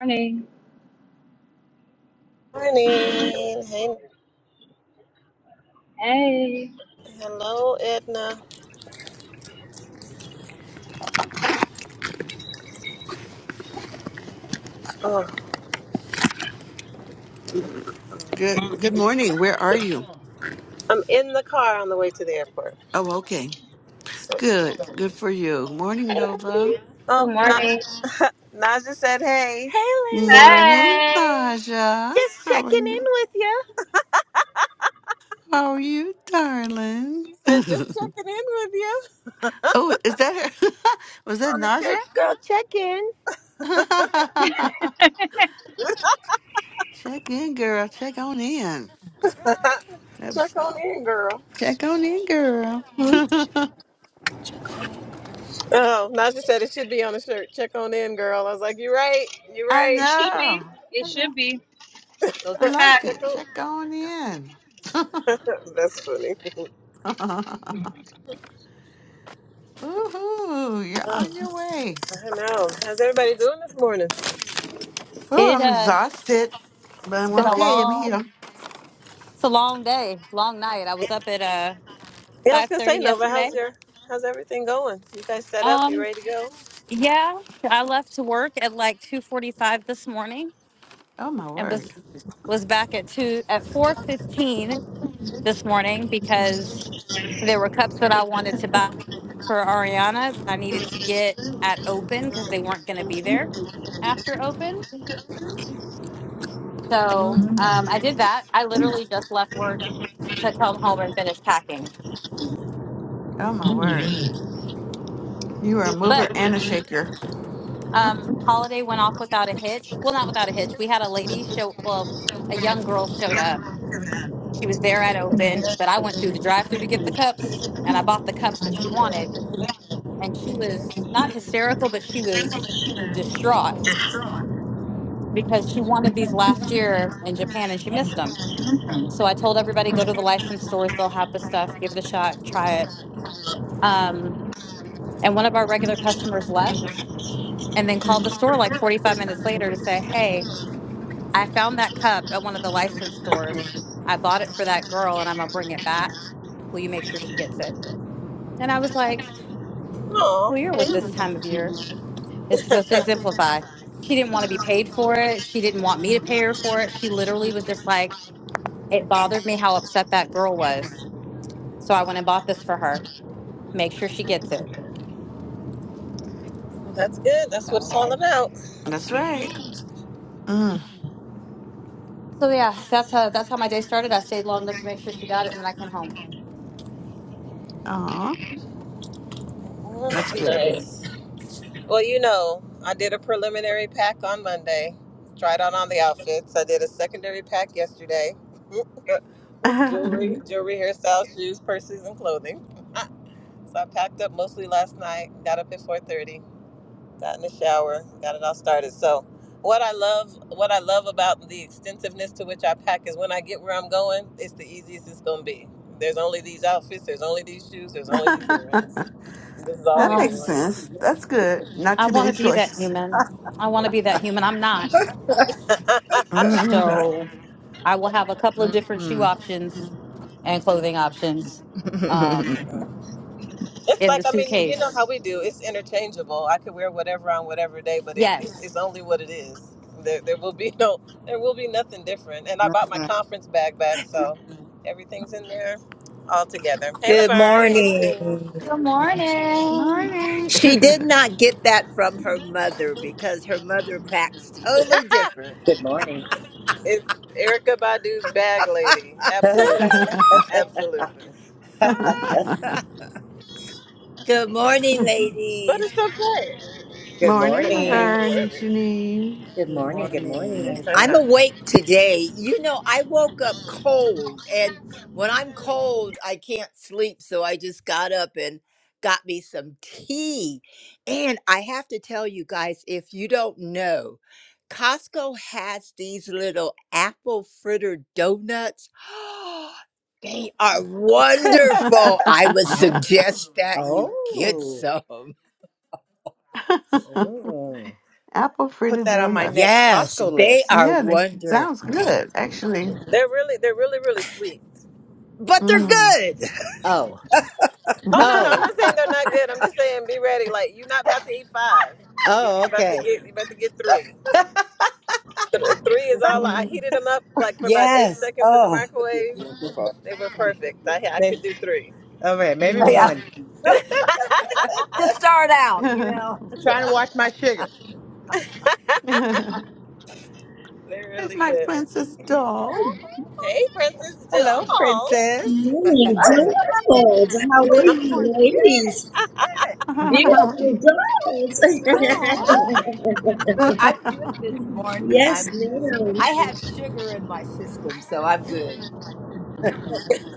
morning. Morning. Hey, Hey. hello, Edna. Oh, Good good morning. Where are you? I'm in the car on the way to the airport. Oh, okay. So, Good. Good for you. Morning, Nova. Good oh, Na- morning. Naja said, "Hey, hey, lady, Morning, Hey. Naja. just How are checking in you? with you." How are you, darling? She said, oh, "Just checking in with you is that her? Was that on the Naja? church girl check in." check in, girl. Check on in. That's- Check on in, girl. Check on in, girl. Hmm? Oh, Naja said it should be on the shirt. Check on in, girl. I was like, "You're right. You're I right." It should be. know. It I know. should be. Those I are like facts. Check it. on. Check on in. That's funny. Woohoo! You're Oh, on your way. I don't know. How's everybody doing this morning? Oh, It I'm uh, exhausted, but it's I'm been a okay. I'm long, here. it's a long day, long night. I was up at uh Yeah, I was five gonna say, thirty Nova, yesterday. how's your how's everything going? You guys set up? You Um, ready to go? yeah, I left to work at like two forty five this morning, Oh, my and was word. was back at two at four fifteen. this morning because there were cups that I wanted to buy for Ariana that I needed to get at open because they weren't going to be there after open. So Mm. um, I did that. I literally just left work to come home and finish packing. Oh, my word. You are a mover But and a shaker. um, holiday went off without a hitch. Well, not without a hitch. We had a lady show. Well, a young girl showed up. She was there at open, but I went through the drive-through to get the cups, and I bought the cups that she wanted and she was not hysterical, but she was distraught because she wanted these last year in Japan and she missed them. So I told everybody go to the licensed stores; they'll have the stuff. Give it a shot, try it. Um, and one of our regular customers left and then called the store like 45 minutes later to say, "Hey, I found that cup at one of the licensed stores. I bought it for that girl, and I'm gonna bring it back. Will you make sure she gets it?" And I was like, "Well, you're with this time of year." Oh. It's supposed to exemplify. She didn't want to be paid for it. She didn't want me to pay her for it. She literally was just like, it Well, bothered me how upset that girl was. So I went and bought this for her. Make sure she gets it. That's good. That's what it's So, all about. That's right. Mhm. Mm. so yeah, that's how that's how my day started. I stayed long enough to make sure she got it, and then I came home. Aw, that's good. Well, you know, I did a preliminary pack on Monday, tried on on the outfits. I did a secondary pack yesterday with jewelry, that jewelry, hairstyles, shoes, purses, and clothing. so I packed up mostly last night. Got up at 4:30. got in the shower, got it all started. So, what I love, what I love about the extensiveness to which I pack is when I get where I'm going, it's the easiest it's gonna be. There's only these outfits, there's only these shoes, there's only these earrings. This is all we makes Um, doing. sense. That's good. Not I too want to many be that choices. human. I want to be that human. I'm not, Mhm. so I will have a couple of different shoe Mm-mm. options and clothing options um, It's in the like I mean, you, you know suitcase. how we do. It's interchangeable. I could wear whatever on whatever day, but it Yes, it's only what it is. There, there will be no, there will be nothing different. And I bought my conference bag back, so everything's in there, all together. Hey, Good Laverne. Hey, Janine. morning. Good morning. Morning. She did not get that from her mother because her mother packs totally Ha! different. Good morning. It's Erica Badu's bag lady. Absolutely, absolutely. good Good morning, But ladies. it's okay. Morning, they're Well, morning. Yes. Laverne and Janine. Good Good morning. Good morning. morning, everyone. I'm awake today. You know, I woke up cold, and when I'm cold, I can't sleep. So I just got up and got me some tea. And I have to tell you guys if you don't know, Costco has these little apple fritter donuts. they are wonderful. I would suggest that you get oh, some. oh. Apple fritter Put that on my donuts. next Yes, Costco they list. are Yeah, that sounds wonderful. good, actually. really, they're really, really sweet. but they're Mm. good. Oh, Oh no, no, I'm oh, not saying they're not good. I'm just saying be ready. Like you're not about to eat five. You oh, you about to okay. get you about to get three. Th- Three is all. I heated them up like for about eight Yes. seconds in the Oh, Yeah, microwave. wonderful. They were perfect. I I May- could do three. Okay, maybe yeah. Mm. one. To start out, you There's know, Trying to watch my sugar. They're really my good. princess doll. Hey, Princess. Di- Hello, princess. Morning, Donald. How Oh. are Good you, morning. ladies? Beautiful girls. Doll. I'm good this morning. yes, I'm. ma'am. I have sugar in my system, so I'm good.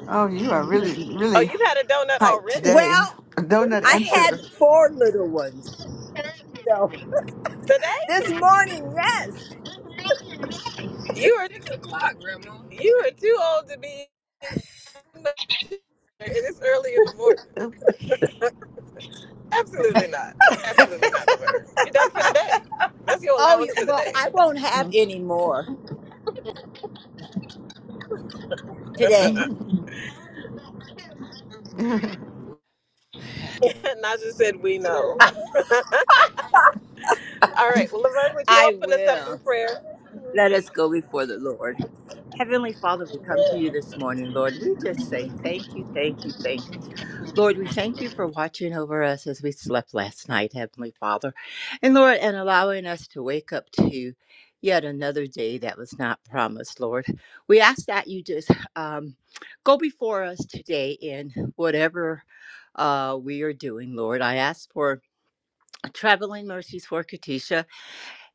oh, you are really, Oh, really you've had a donut hyped already. today. Well, Is that what Donut you I and had sugar. four little ones. said? So Today? this morning, yes. You It's are o'clock. You are too old to be in this early in the morning. Absolutely not. Absolutely not, Laverne. You're done for the day. That's your Oh, allowance you- for the well, day. I won't have Mm. any more today. Naja said, We know. All right. Well, Laverne, would you I open us up will. in prayer? Let us Please. go before the Lord. Heavenly Father, we come to you this morning, Lord. We just say thank you, thank you, thank you. Lord, we thank you for watching over us as we slept last night, Heavenly Father. And Lord, and allowing us to wake up to yet another day that was not promised, Lord. We ask that you just um, go before us today in whatever uh, we are doing, Lord. I ask for traveling mercies for Katisha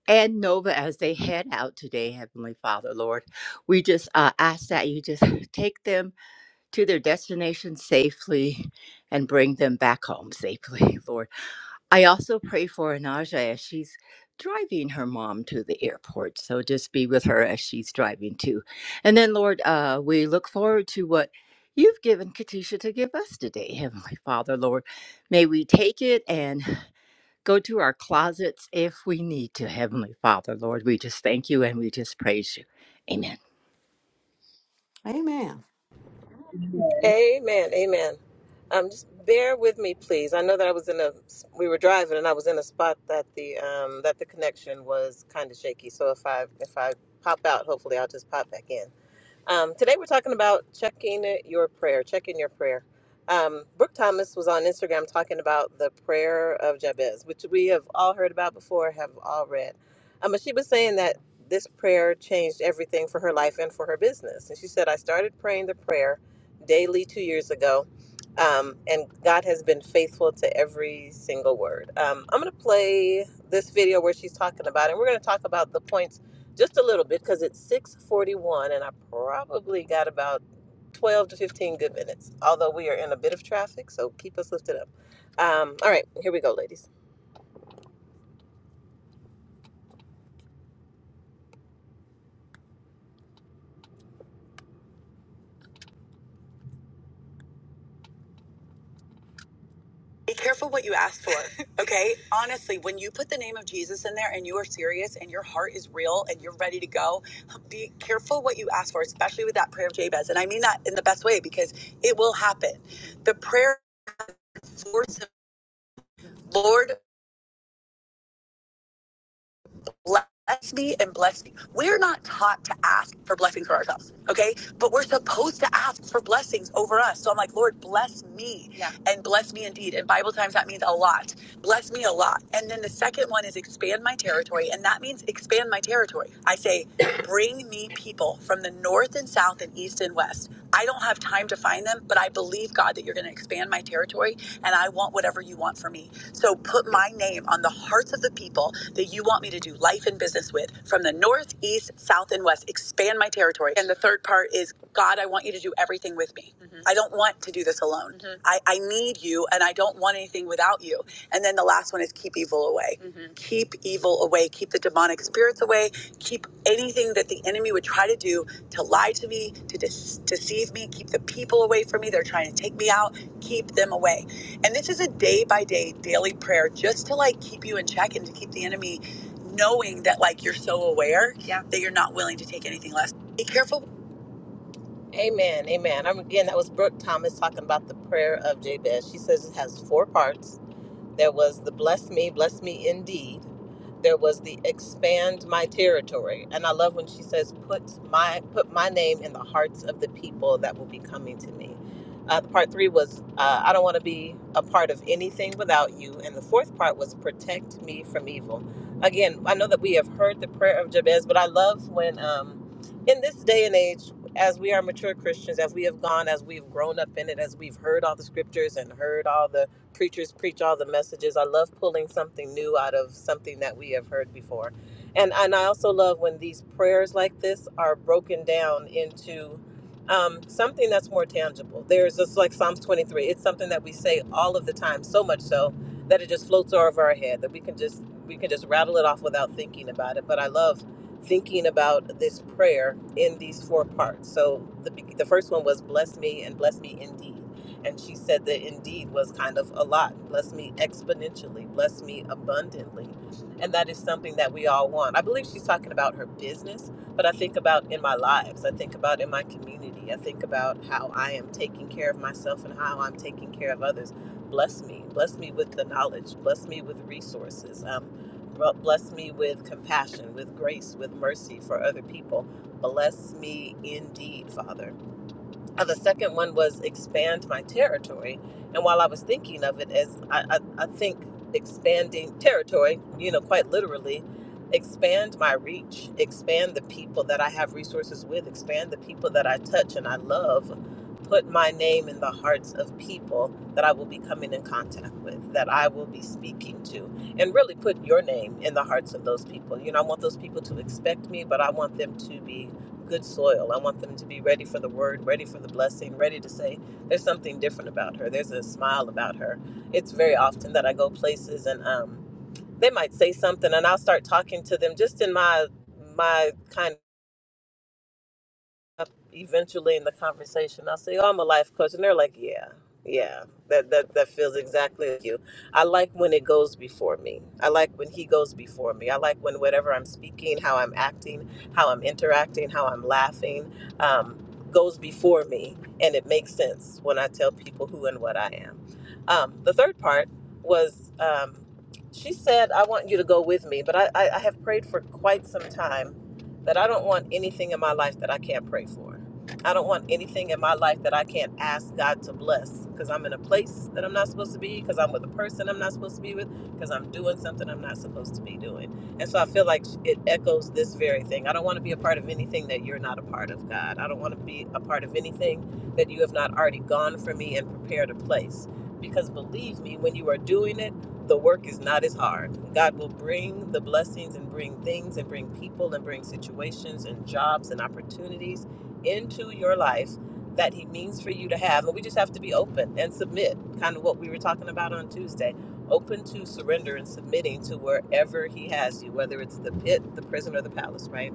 and Nova as they head out today, Heavenly Father, Lord. We just uh, ask that you just take them to their destination safely and bring them back home safely, Lord. I also pray for Anaja as she's driving her mom to the airport. So just be with her as she's driving too. And then, Lord, uh, we look forward to what. You've given Katisha to give us today, Heavenly Father, Lord. May we take it and go to our closets if we need to. Heavenly Father, Lord, we just thank you and we just praise you. Amen. Amen. Okay. Amen. Amen. Um, just bear with me, please. I know that I was in a we were driving and I was in a spot that the um that the connection was kind of shaky. So if I if I pop out, hopefully I'll just pop back in. Um, today we're talking about checking your prayer, checking your prayer. Um, Brooke Thomas was on Instagram talking about the prayer of Jabez, which we have all heard about before, have all read. Um, but she was saying that this prayer changed everything for her life and for her business. And she said, I started praying the prayer daily two years ago, um, and God has been faithful to every single word. Um, I'm going to play this video where she's talking about it. We're going to talk about the points just a little bit because it's 641 and i probably got about 12 to 15 good minutes although we are in a bit of traffic so keep us lifted up um, all right here we go ladies be careful what you ask for okay honestly when you put the name of jesus in there and you are serious and your heart is real and you're ready to go be careful what you ask for especially with that prayer of jabez and i mean that in the best way because it will happen the prayer force lord bless me and bless me. We're not taught to ask for blessings for ourselves, okay? But we're supposed to ask for blessings over us. So I'm like, Lord, bless me yeah. and bless me indeed. In Bible times, that means a lot. Bless me a lot. And then the second one is expand my territory. And that means expand my territory. I say, bring me people from the north and south and east and west. I don't have time to find them, but I believe, God, that you're going to expand my territory and I want whatever you want for me. So put my name on the hearts of the people that you want me to do life and business with from the north, east, south, and west. Expand my territory. And the third part is God, I want you to do everything with me. Mhm. I don't want to do this alone. Mhm. I, I need you and I don't want anything without you. And then the last one is keep evil away. Mhm. Keep evil away. Keep the demonic spirits away. Keep anything that the enemy would try to do to lie to me, to dis- deceive me. Keep the people away from me. They're trying to take me out. Keep them away. And this is a day by day daily prayer just to like keep you in check and to keep the enemy knowing that like you're so aware yeah. that you're not willing to take anything less. Be careful. Amen, amen. I'm again. That was Brooke Thomas talking about the prayer of Jabez. She says it has four parts. There was the bless me, bless me indeed. There was the expand my territory. And I love when she says, put my put my name in the hearts of the people that will be coming to me. Uh, part three was, uh, I don't want to be a part of anything without you. And the fourth part was, protect me from evil. Again, I know that we have heard the prayer of Jabez, but I love when, um, in this day and age, as we are mature Christians, as we have gone, as we've grown up in it, as we've heard all the scriptures and heard all the preachers preach all the messages. I love pulling something new out of something that we have heard before. And and I also love when these prayers like this are broken down into um, something that's more tangible. There's just like Psalms 23. It's something that we say all of the time, so much so that it just floats over our head that we can just we can just rattle it off without thinking about it. But I love thinking about this prayer in these four parts. So the the first one was bless me and bless me indeed. And she said that indeed was kind of a lot. Bless me exponentially, bless me abundantly. And that is something that we all want. I believe she's talking about her business, but I think about in my lives, I think about in my community, I think about how I am taking care of myself and how I'm taking care of others. Bless me, bless me with the knowledge, bless me with resources. Um, bless me with compassion, with grace, with mercy for other people. Bless me indeed, Father. Uh, the second one was expand my territory. And while I was thinking of it as, I, I, I think expanding territory, you know, quite literally, expand my reach, expand the people that I have resources with, expand the people that I touch and I love, put my name in the hearts of people that I will be coming in contact with, that I will be speaking to, and really put your name in the hearts of those people. You know, I want those people to expect me, but I want them to be good soil. I want them to be ready for the word, ready for the blessing, ready to say, there's something different about her. There's a smile about her. It's very often that I go places and um, they might say something and I'll start talking to them just in my my kind up eventually in the conversation, I'll say, "Oh, I'm a life coach," and they're like, "Yeah, yeah, that that that feels exactly like you." I like when it goes before me. I like when he goes before me. I like when whatever I'm speaking, how I'm acting, how I'm interacting, how I'm laughing, um, goes before me, and it makes sense when I tell people who and what I am. Um, the third part was. Um, she said, I want you to go with me, but I, I, I have prayed for quite some time that I don't want anything in my life that I can't pray for. I don't want anything in my life that I can't ask God to bless because I'm in a place that I'm not supposed to be, because I'm with a person I'm not supposed to be with, because I'm doing something I'm not supposed to be doing. And so I feel like it echoes this very thing. I don't want to be a part of anything that you're not a part of, God. I don't want to be a part of anything that you have not already gone for me and prepared a place. Because believe me, when you are doing it, the work is not as hard. God will bring the blessings and bring things and bring people and bring situations and jobs and opportunities into your life that He means for you to have. And we just have to be open and submit, kind of what we were talking about on Tuesday. Open to surrender and submitting to wherever He has you, whether it's the pit, the prison, or the palace, right?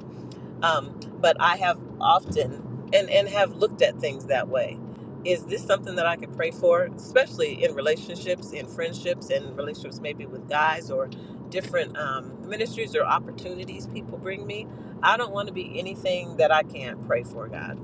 um, but I have often and and have looked at things that way. Is this something that I could pray for, especially in relationships, in friendships, and relationships maybe with guys or different um, ministries or opportunities people bring me? I don't want to be anything that I can't pray for, God.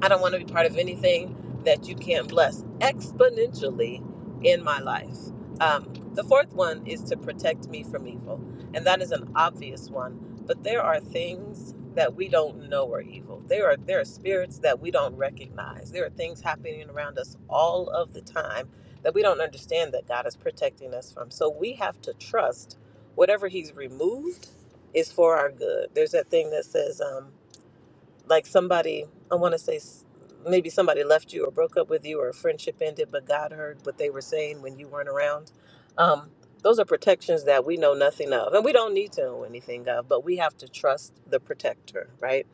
I don't want to be part of anything that you can't bless exponentially in my life. Um, the fourth one is to protect me from evil. And that is an obvious one. But there are things that we don't know are evil. There are there are spirits that we don't recognize. There are things happening around us all of the time that we don't understand that God is protecting us from. So we have to trust whatever He's removed is for our good. There's that thing that says, um, like somebody i want to say s- maybe somebody left you or broke up with you or a friendship ended but god heard what they were saying when you weren't around um, those are protections that we know nothing of and we don't need to know anything of but we have to trust the protector right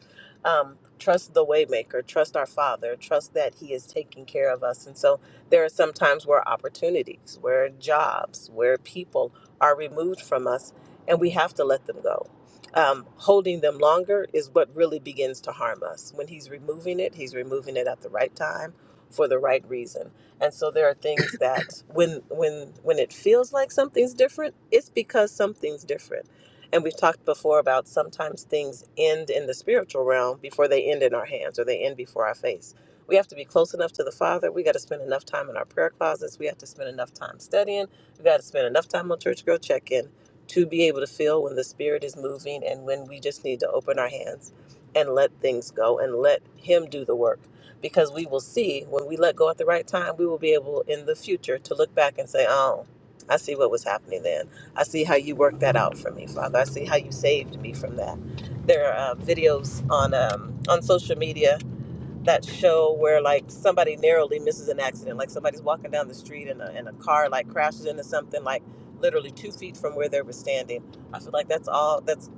um, trust the waymaker trust our father trust that he is taking care of us and so there are some times where opportunities where jobs where people are removed from us and we have to let them go um, holding them longer is what really begins to harm us. When he's removing it, he's removing it at the right time for the right reason. And so there are things that when when when it feels like something's different, it's because something's different. And we've talked before about sometimes things end in the spiritual realm before they end in our hands or they end before our face. We have to be close enough to the Father. We got to spend enough time in our prayer closets. We have to spend enough time studying. We got to spend enough time on church girl check in to be able to feel when the spirit is moving and when we just need to open our hands and let things go and let him do the work because we will see when we let go at the right time we will be able in the future to look back and say oh i see what was happening then i see how you worked that out for me father i see how you saved me from that there are uh, videos on um, on social media that show where like somebody narrowly misses an accident like somebody's walking down the street and a, and a car like crashes into something like literally two feet from where they were standing i feel like that's all that's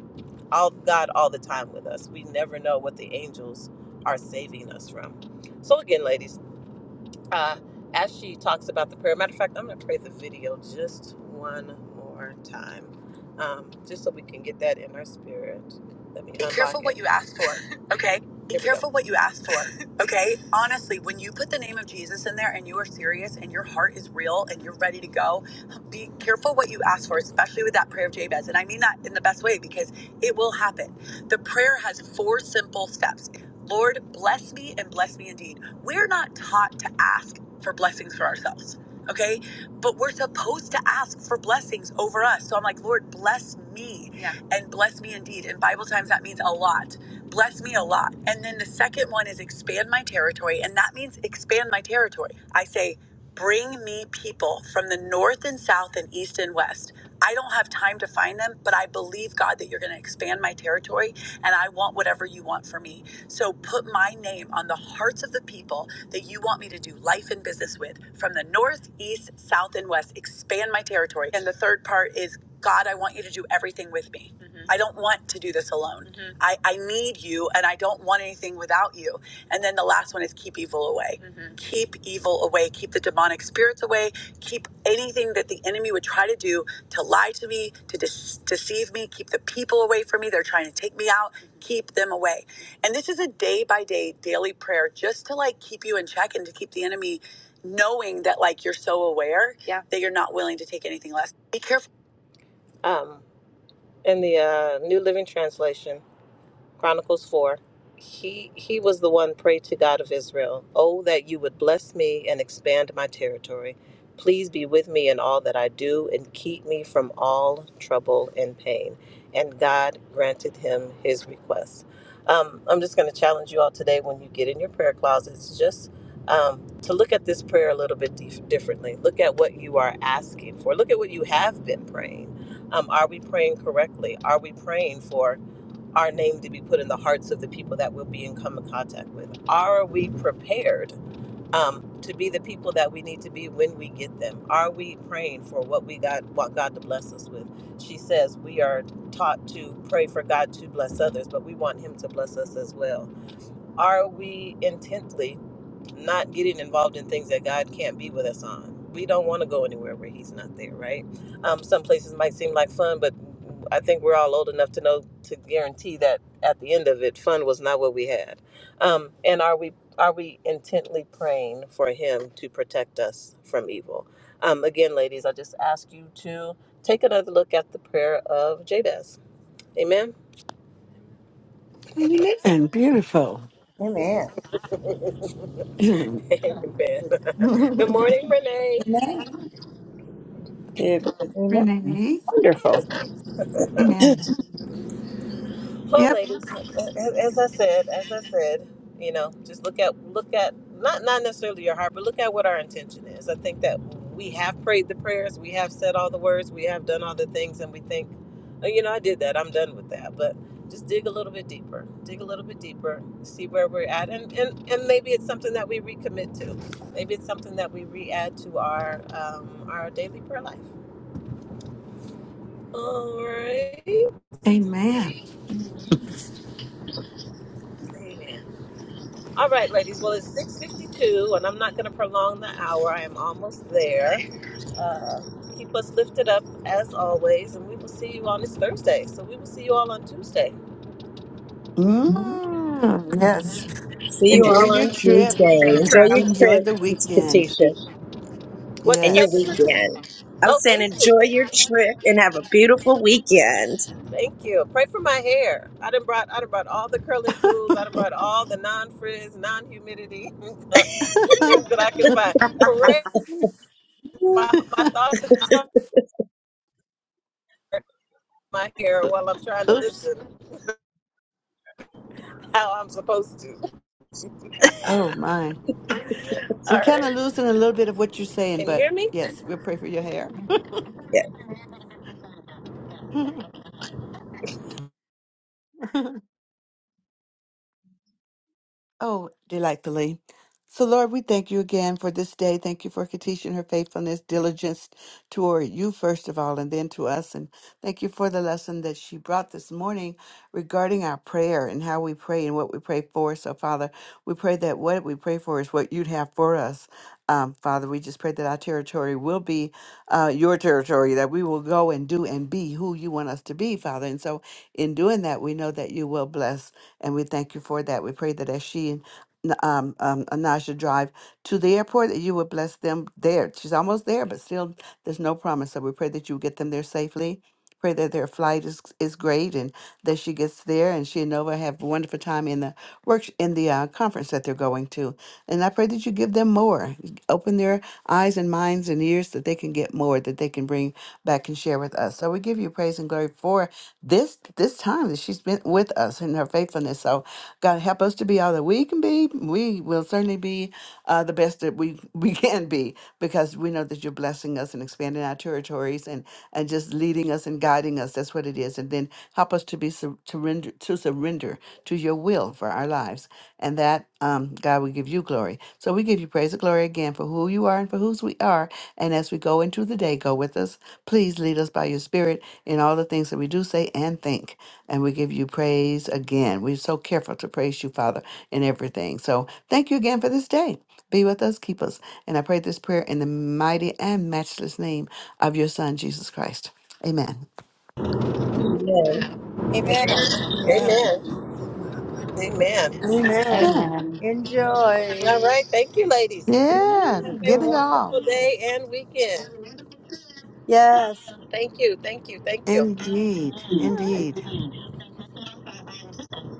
all god all the time with us we never know what the angels are saving us from so again ladies uh, as she talks about the prayer. Matter of fact, I'm going to play the video just one more time, um, just so we can get that in our spirit. Let me be careful what you ask for. Okay. Be careful what you ask for. Okay. Honestly, when you put the name of Jesus in there and you are serious and your heart is real and you're ready to go, be careful what you ask for, especially with that prayer of Jabez. And I mean that in the best way because it will happen. The prayer has four simple steps. Lord, bless me and bless me indeed. We're not taught to ask for blessings for ourselves, okay? But we're supposed to ask for blessings over us. So I'm like, Lord, bless me yeah. and bless me indeed. In Bible times, that means a lot. Bless me a lot. And then the second one is expand my territory. And that means expand my territory. I say, bring me people from the north and south and east and west. I don't have time to find them, but I believe, God, that you're going to expand my territory and I want whatever you want for me. So put my name on the hearts of the people that you want me to do life and business with from the north, east, south, and west. Expand my territory. And the third part is God, I want you to do everything with me. Mhm. I don't want to do this alone. Mhm. I, I need you and I don't want anything without you. And then the last one is keep evil away. Mhm. Keep evil away. Keep the demonic spirits away. Keep anything that the enemy would try to do to lie to me, to dis- deceive me. Keep the people away from me. They're trying to take me out. Keep them away. And this is a day by day daily prayer just to like keep you in check and to keep the enemy knowing that like you're so aware yeah. that you're not willing to take anything less. Be careful. Um, in the uh, New Living Translation, Chronicles 4. He he was the one prayed to God of Israel, "Oh that you would bless me and expand my territory. Please be with me in all that I do and keep me from all trouble and pain." And God granted him his request. Um, I'm just going to challenge you all today when you get in your prayer closets just um, to look at this prayer a little bit dif- differently. Look at what you are asking for. Look at what you have been praying. Um, are we praying correctly? Are we praying for our name to be put in the hearts of the people that we'll be in come in contact with. Are we prepared um, to be the people that we need to be when we get them? Are we praying for what we got, what God to bless us with? She says we are taught to pray for God to bless others, but we want Him to bless us as well. Are we intently? not getting involved in things that God can't be with us on. We don't want to go anywhere where He's not there, right? Um, some places might seem like fun, but I think we're all old enough to know to guarantee that at the end of it, fun was not what we had. Um, and are we are we intently praying for Him to protect us from evil? Um, again, ladies, I just ask you to take another look at the prayer of Jabez. Amen. Amen. Beautiful. Amen. Renee. Amen. Good morning, Renee. Amen. Well, Yep. ladies, as I said, as I said, you know, just look at look at not not necessarily your heart, but look at what our intention is. I think that we have prayed the prayers, we have said all the words, we have done all the things, and we think, oh, you know, I did that, I'm done with that. But just dig a little bit deeper, dig a little bit deeper, see where we're at, and and and maybe it's something that we recommit to, maybe it's something that we re-add to our um, our daily prayer life. All right. Amen. Amen. All right, ladies. Well, it's six fifty-two, and I'm not going to prolong the hour. I am almost there. Uh, keep us lifted up as always, and we will see you on this Thursday. So we will see you all on Tuesday. Mm, yes. See you Amen. Enjoy all your on trip. Tuesday. Enjoy your Enjoy trip, the Miss weekend. Katisha, What do you and say, your Yes. Patricia? weekend. I Oh, was saying, thank you, enjoy your thank you, trip and have a beautiful weekend. thank you. Pray for my hair. I done brought, I done brought all the curling tools. I done brought all the non-frizz, non-humidity things that I can find. Pray my my thoughts and my heart, my hair while I'm trying to Oops. listen. How I'm supposed to. Oh my. We're All kind right. of losing a little bit of what you're saying, Can you but hear me? yes, we'll pray for your hair. Yes. Oh, delightfully. So, Lord, we thank you again for this day. Thank you for Katisha and her faithfulness, diligence toward you, first of all, and then to us. And thank you for the lesson that she brought this morning regarding our prayer and how we pray and what we pray for. So, Father, we pray that what we pray for is what you'd have for us. Um, Father, we just pray that our territory will be uh, your territory, that we will go and do and be who you want us to be, Father. And so, in doing that, we know that you will bless. And we thank you for that. We pray that as she and N- um, um, Anasha drive to the airport, that you would bless them there. She's almost there, but still, there's no promise. So we pray that you would get them there safely. Pray that their flight is is great and that she gets there and she and Nova have a wonderful time in the work in the uh, conference that they're going to. And I pray that you give them more, open their eyes and minds and ears that they can get more that they can bring back and share with us. So we give you praise and glory her for this this time that she's been with us in her faithfulness. So God help us to be all that we can be. We will certainly be uh, the best that we we can be because we know that you're blessing us and expanding our territories and and just leading us and guiding us. That's what it is. And then help us to be sur- to render to surrender to your will for our lives and that um, God will give you glory. So we give you praise and glory again for who you are and for whose we are. And as we go into the day, go with us. Please lead us by your spirit in all the things that we do say and think. And we give you praise again. We're so careful to praise you, Father, in everything. So thank you again for this day. Be with us, keep us. And I pray this prayer in the mighty and matchless name of your Son, Jesus Christ. Amen. Amen. Amen. Amen. Amen. Amen. Amen. Amen. Amen. Enjoy. All right. Thank you, ladies. Yeah, Have a get Mhm. it off. wonderful day and weekend. Yes. Thank you. Thank you. Thank you. Indeed. All right. Indeed.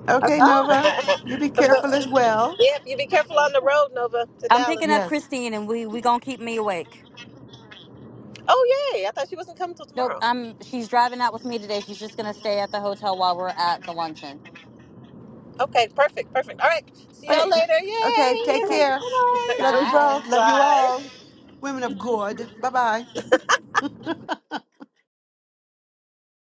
Okay, Oh, Nova, you be careful as well. yep. You be careful on the road, Nova, to I'm Dallas. picking up Yes. Christine, and we we gonna keep me awake. Oh, yay. I thought she wasn't coming till Nope, tomorrow. I'm. She's driving out with me today. She's just gonna stay at the hotel while we're at the luncheon. Okay, perfect, perfect. All right. See y'all Okay. later. Okay, take Yay. Okay. care. okay. Love you Bye. both. Love you all. Women of God. Bye Bye. bye.